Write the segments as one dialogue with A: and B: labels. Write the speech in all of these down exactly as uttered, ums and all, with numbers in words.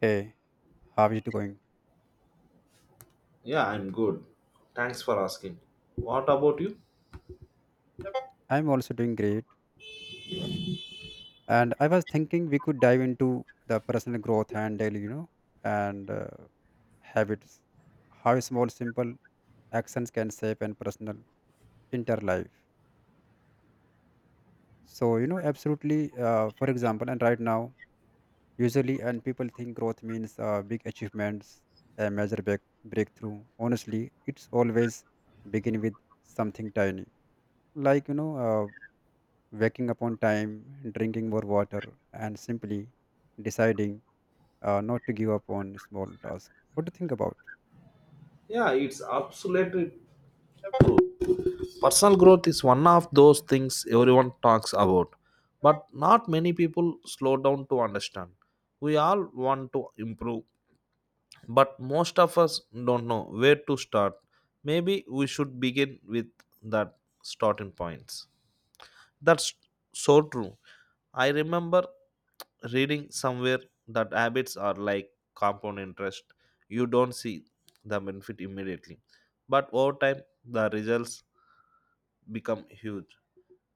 A: Hey, how are you going?
B: Yeah, I'm good. Thanks for asking. What about you?
A: I'm also doing great. And I was thinking we could dive into the personal growth and daily, you know, and uh, habits, how small, simple actions can shape and personal inter life. So, you know, absolutely. Uh, for example, and right now, usually, and people think growth means uh, big achievements, a major break- breakthrough. Honestly, it's always begin with something tiny, like you know. uh, waking up on time, drinking more water, and simply deciding uh, not to give up on small task. What do you think about?
B: Yeah, it's absolutely. Personal growth is one of those things everyone talks about, but not many people slow down to understand. We all want to improve, but most of us don't know where to start. Maybe we should begin with that starting points. That's so true. I remember reading somewhere that habits are like compound interest. You don't see the benefit immediately, but over time, the results become huge.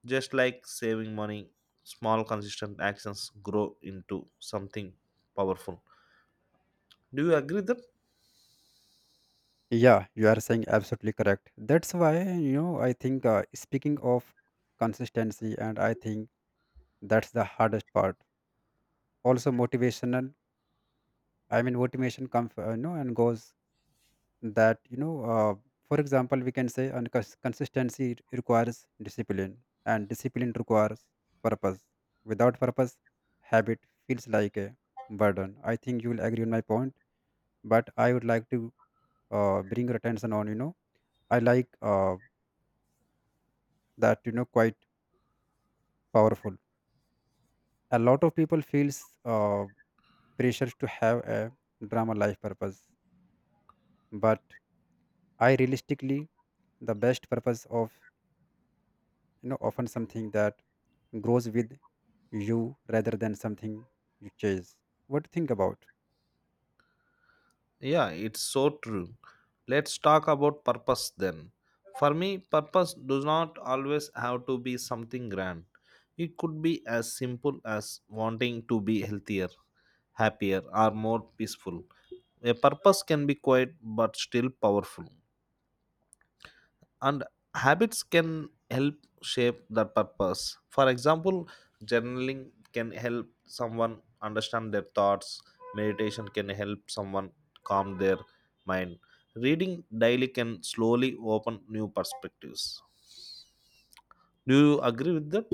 B: Just like saving money, small, consistent actions grow into something powerful. Do you agree that?
A: Yeah, you are saying absolutely correct. That's why you know I think uh, speaking of consistency, and I think that's the hardest part. Also motivational. I mean, motivation comes, uh, you know, and goes that you know uh, for example we can say and cons- consistency it requires discipline and discipline requires purpose without purpose habit feels like a burden. I think you will agree on my point, but I would like to uh, bring your attention on you know I like uh, that you know quite powerful. A lot of people feels uh, pressure to have a drama life purpose, but I realistically the best purpose of you know often something that grows with you rather than something you chase. What do you think about?
B: Yeah, it's so true. Let's talk about purpose then. For me, purpose does not always have to be something grand. It could be as simple as wanting to be healthier, happier, or more peaceful. A purpose can be quiet but still powerful, and habits can help shape that purpose. For example, journaling can help someone understand their thoughts. Meditation can help someone calm their mind. Reading daily can slowly open new perspectives. Do you agree with that?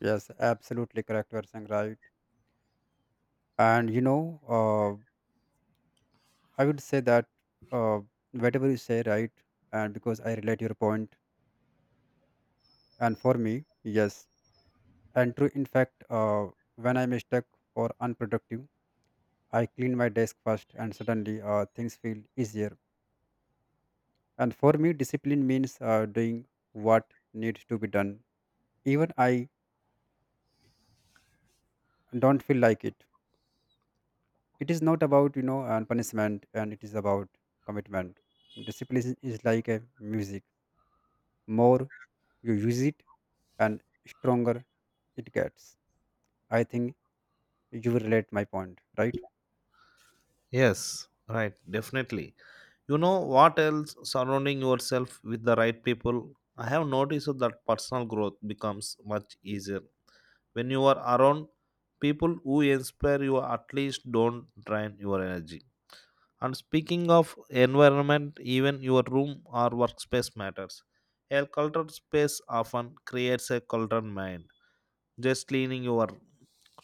A: Yes, absolutely correct, Varsang, right? And you know, uh, I would say that uh, whatever you say, right? And because I relate your point, and for me, yes, and true. In fact, uh, when I'm stuck or unproductive, I clean my desk first, and suddenly uh, things feel easier. And for me, discipline means uh, doing what needs to be done, even I don't feel like it. It is not about you know and punishment, and it is about commitment. Discipline is like a music. More you use it, and stronger it gets. I think you will relate my point, right?
B: Yes, right, definitely. You know what else? Surrounding yourself with the right people. I have noticed that personal growth becomes much easier when you are around people who inspire you, at least don't drain your energy. And speaking of environment, even your room or workspace matters. A cluttered space often creates a cluttered mind. Just cleaning your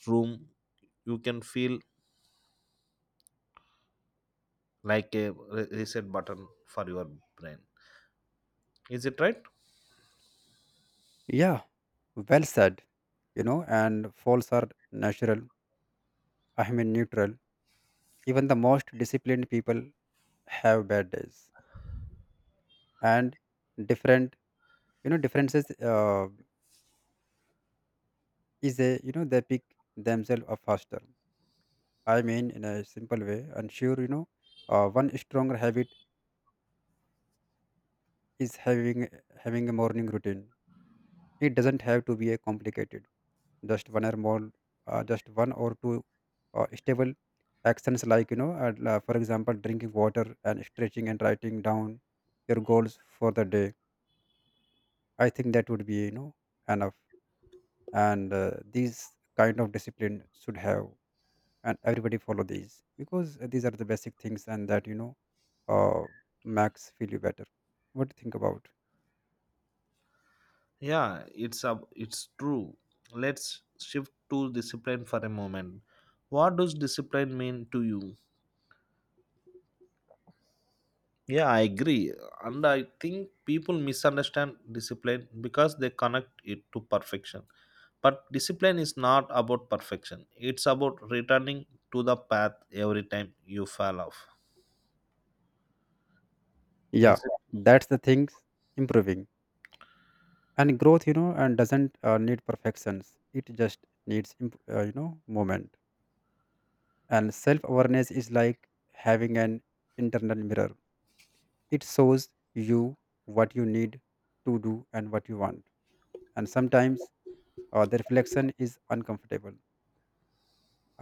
B: room, you can feel like a re- reset button for your brain. Is it right?
A: Yeah, well said. You know and faults are natural. I mean neutral. Even the most disciplined people have bad days, and different you know differences uh, is a you know they pick themselves up faster. I mean, in a simple way, and sure, you know, uh, one stronger habit is having having a morning routine. It doesn't have to be a complicated. Just one or more, uh, just one or two uh, stable actions, like you know, and, uh, la- for example, drinking water and stretching and writing down your goals for the day. I think that would be you know enough, and uh, these kind of discipline should have, and everybody follow these because these are the basic things, and that you know uh, makes feel you better. What do you think about?
B: Yeah, it's a, it's true. Let's shift to discipline for a moment. What does discipline mean to you? Yeah, I agree. And I think people misunderstand discipline because they connect it to perfection. But discipline is not about perfection, it's about returning to the path every time you fall off. Is
A: Yeah,
B: it?
A: that's the things improving and growth you know and doesn't uh, need perfections. It just needs imp- uh, you know moment. And self awareness is like having an internal mirror. It shows you what you need to do and what you want, and sometimes uh, the reflection is uncomfortable.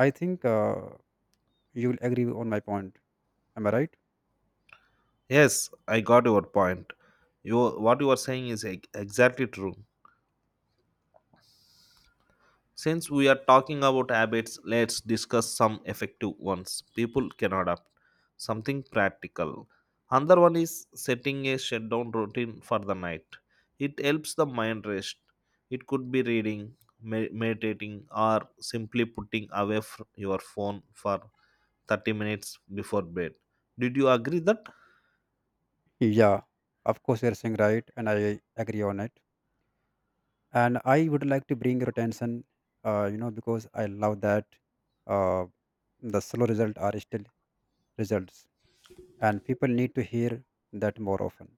A: I think uh, you'll agree on my point, am I right?
B: Yes, I got your point. You, what you are saying is ex- exactly true. Since we are talking about habits, let's discuss some effective ones people can adopt. Something practical. Another one is setting a shutdown routine for the night. It helps the mind rest. It could be reading, me- meditating, or simply putting away f- your phone for thirty minutes before bed. Did you agree that?
A: Yeah, of course. You're saying right, and I agree on it. And I would like to bring your attention, uh, you know, because I love that. uh, the slow results are still results, and people need to hear that more often.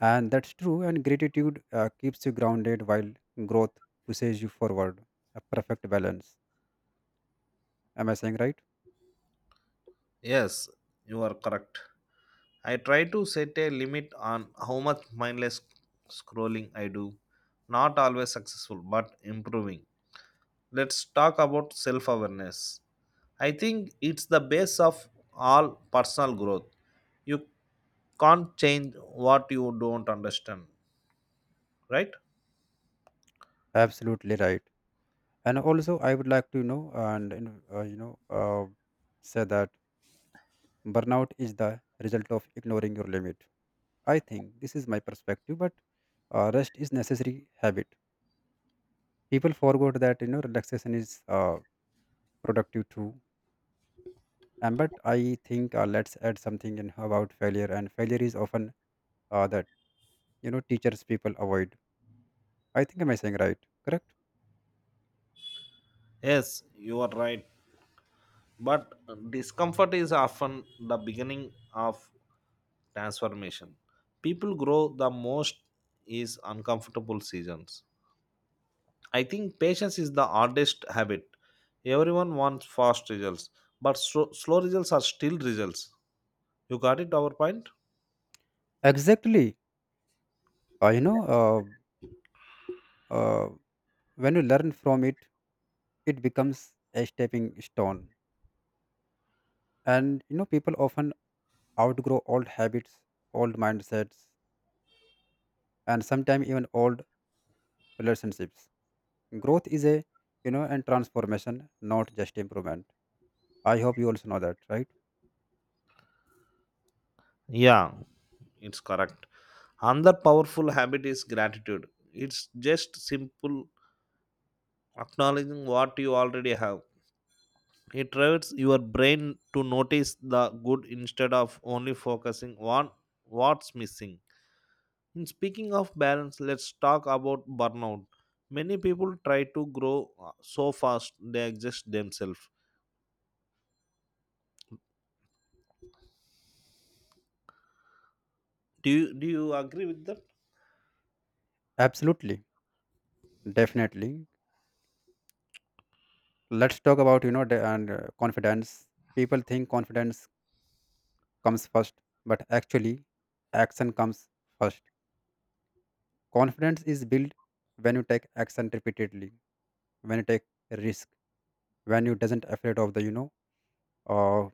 A: And that's true, and gratitude uh, keeps you grounded while growth pushes you forward. A perfect balance. Am I saying right?
B: Yes, you are correct. I try to set a limit on how much mindless scrolling I do. Not always successful, but improving. Let's talk about self awareness. I think it's the base of all personal growth. You can't change what you don't understand, right?
A: Absolutely right. And also I would like to know and and, uh, you know uh, say that burnout is the result of ignoring your limit. I think this is my perspective, but uh, rest is necessary habit. People forgot that you know relaxation is uh, productive too. And but I think uh, let's add something in about failure, and failure is often uh, that you know teachers people avoid. I think am I saying right? Correct?
B: Yes, you are right. But discomfort is often the beginning of transformation. People grow the most is uncomfortable seasons. I think patience is the hardest habit. Everyone wants fast results, but slo- slow results are still results. You got it our point?
A: Exactly. Uh, you know, uh, uh, when you learn from it, it becomes a stepping stone. And you know, people often outgrow old habits, old mindsets, and sometimes even old relationships. Growth is a, you know, and transformation, not just improvement. I hope you also know that, right?
B: Yeah, it's correct. Another powerful habit is gratitude. It's just simple acknowledging what you already have. It trains your brain to notice the good instead of only focusing on what's missing. In speaking of balance, let's talk about burnout. Many people try to grow uh, so fast they exhaust themselves. Do you do you agree with that?
A: Absolutely, definitely. Let's talk about, you know, the, and uh, confidence. People think confidence comes first, but actually, action comes first. Confidence is built when you take action repeatedly, when you take risk, when you doesn't afraid of the, you know, uh,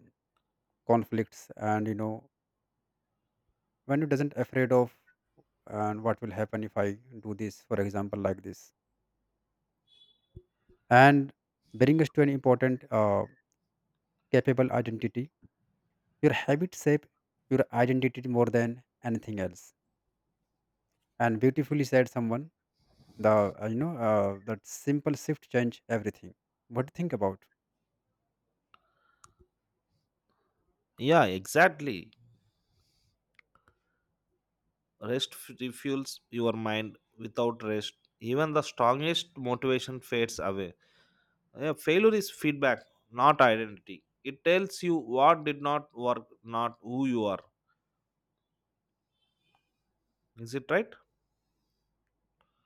A: conflicts, and you know, when you doesn't afraid of and what will happen if I do this, for example, like this. And bring us to an important uh, capable identity. Your habit shape your identity more than anything else. And beautifully said someone, the uh, you know uh, that simple shift change everything. What do you think about?
B: Yeah, exactly. Rest f- refuels your mind. Without rest, even the strongest motivation fades away. Yeah, failure is feedback, not identity. It tells you what did not work, not who you are. Is it right?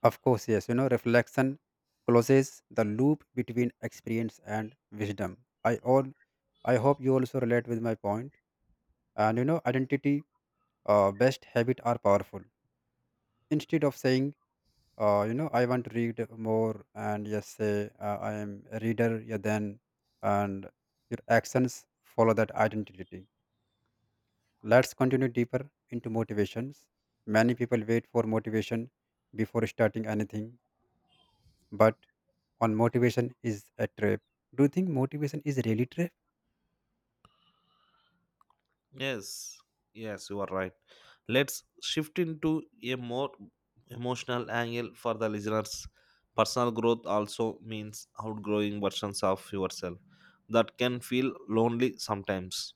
A: Of course, yes. You know reflection closes the loop between experience and wisdom. I all I hope you also relate with my point point. And you know identity uh, best habit are powerful. Instead of saying, uh, you know, I want to read more. And yes, say, uh, I am a reader. Yeah, then and your actions follow that identity. Let's continue deeper into motivations. Many people wait for motivation before starting anything, but on motivation is a trap. Do you think motivation is really trap?
B: Yes, yes, you are right. Let's shift into a more emotional angle for the listeners. Personal growth also means outgrowing versions of yourself that can feel lonely sometimes.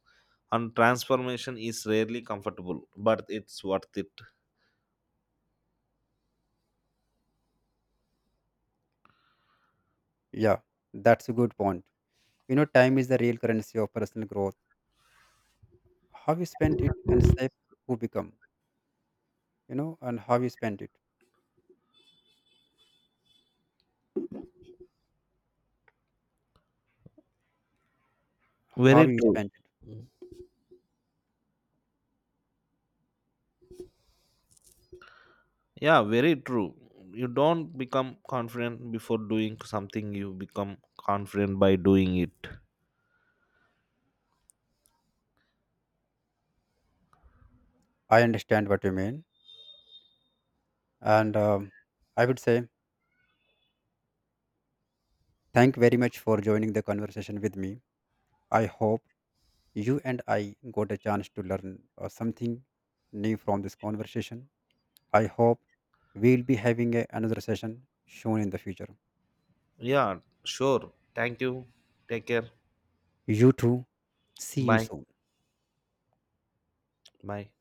B: And transformation is rarely comfortable, but it's worth it.
A: Yeah, that's a good point. You know, time is the real currency of personal growth. How you spend it and shape who become, you know, and how you spend it. How
B: Very
A: you
B: true.
A: spend it.
B: Yeah, very true. You don't become confident before doing something, you become confident by doing it.
A: I understand what you mean. And um, I would say thank very much for joining the conversation with me. I hope you and I got a chance to learn uh, something new from this conversation. I hope we'll be having a, another session soon in the future.
B: Yeah, sure. Thank you. Take care.
A: You too. See you
B: Bye.
A: soon.
B: Bye.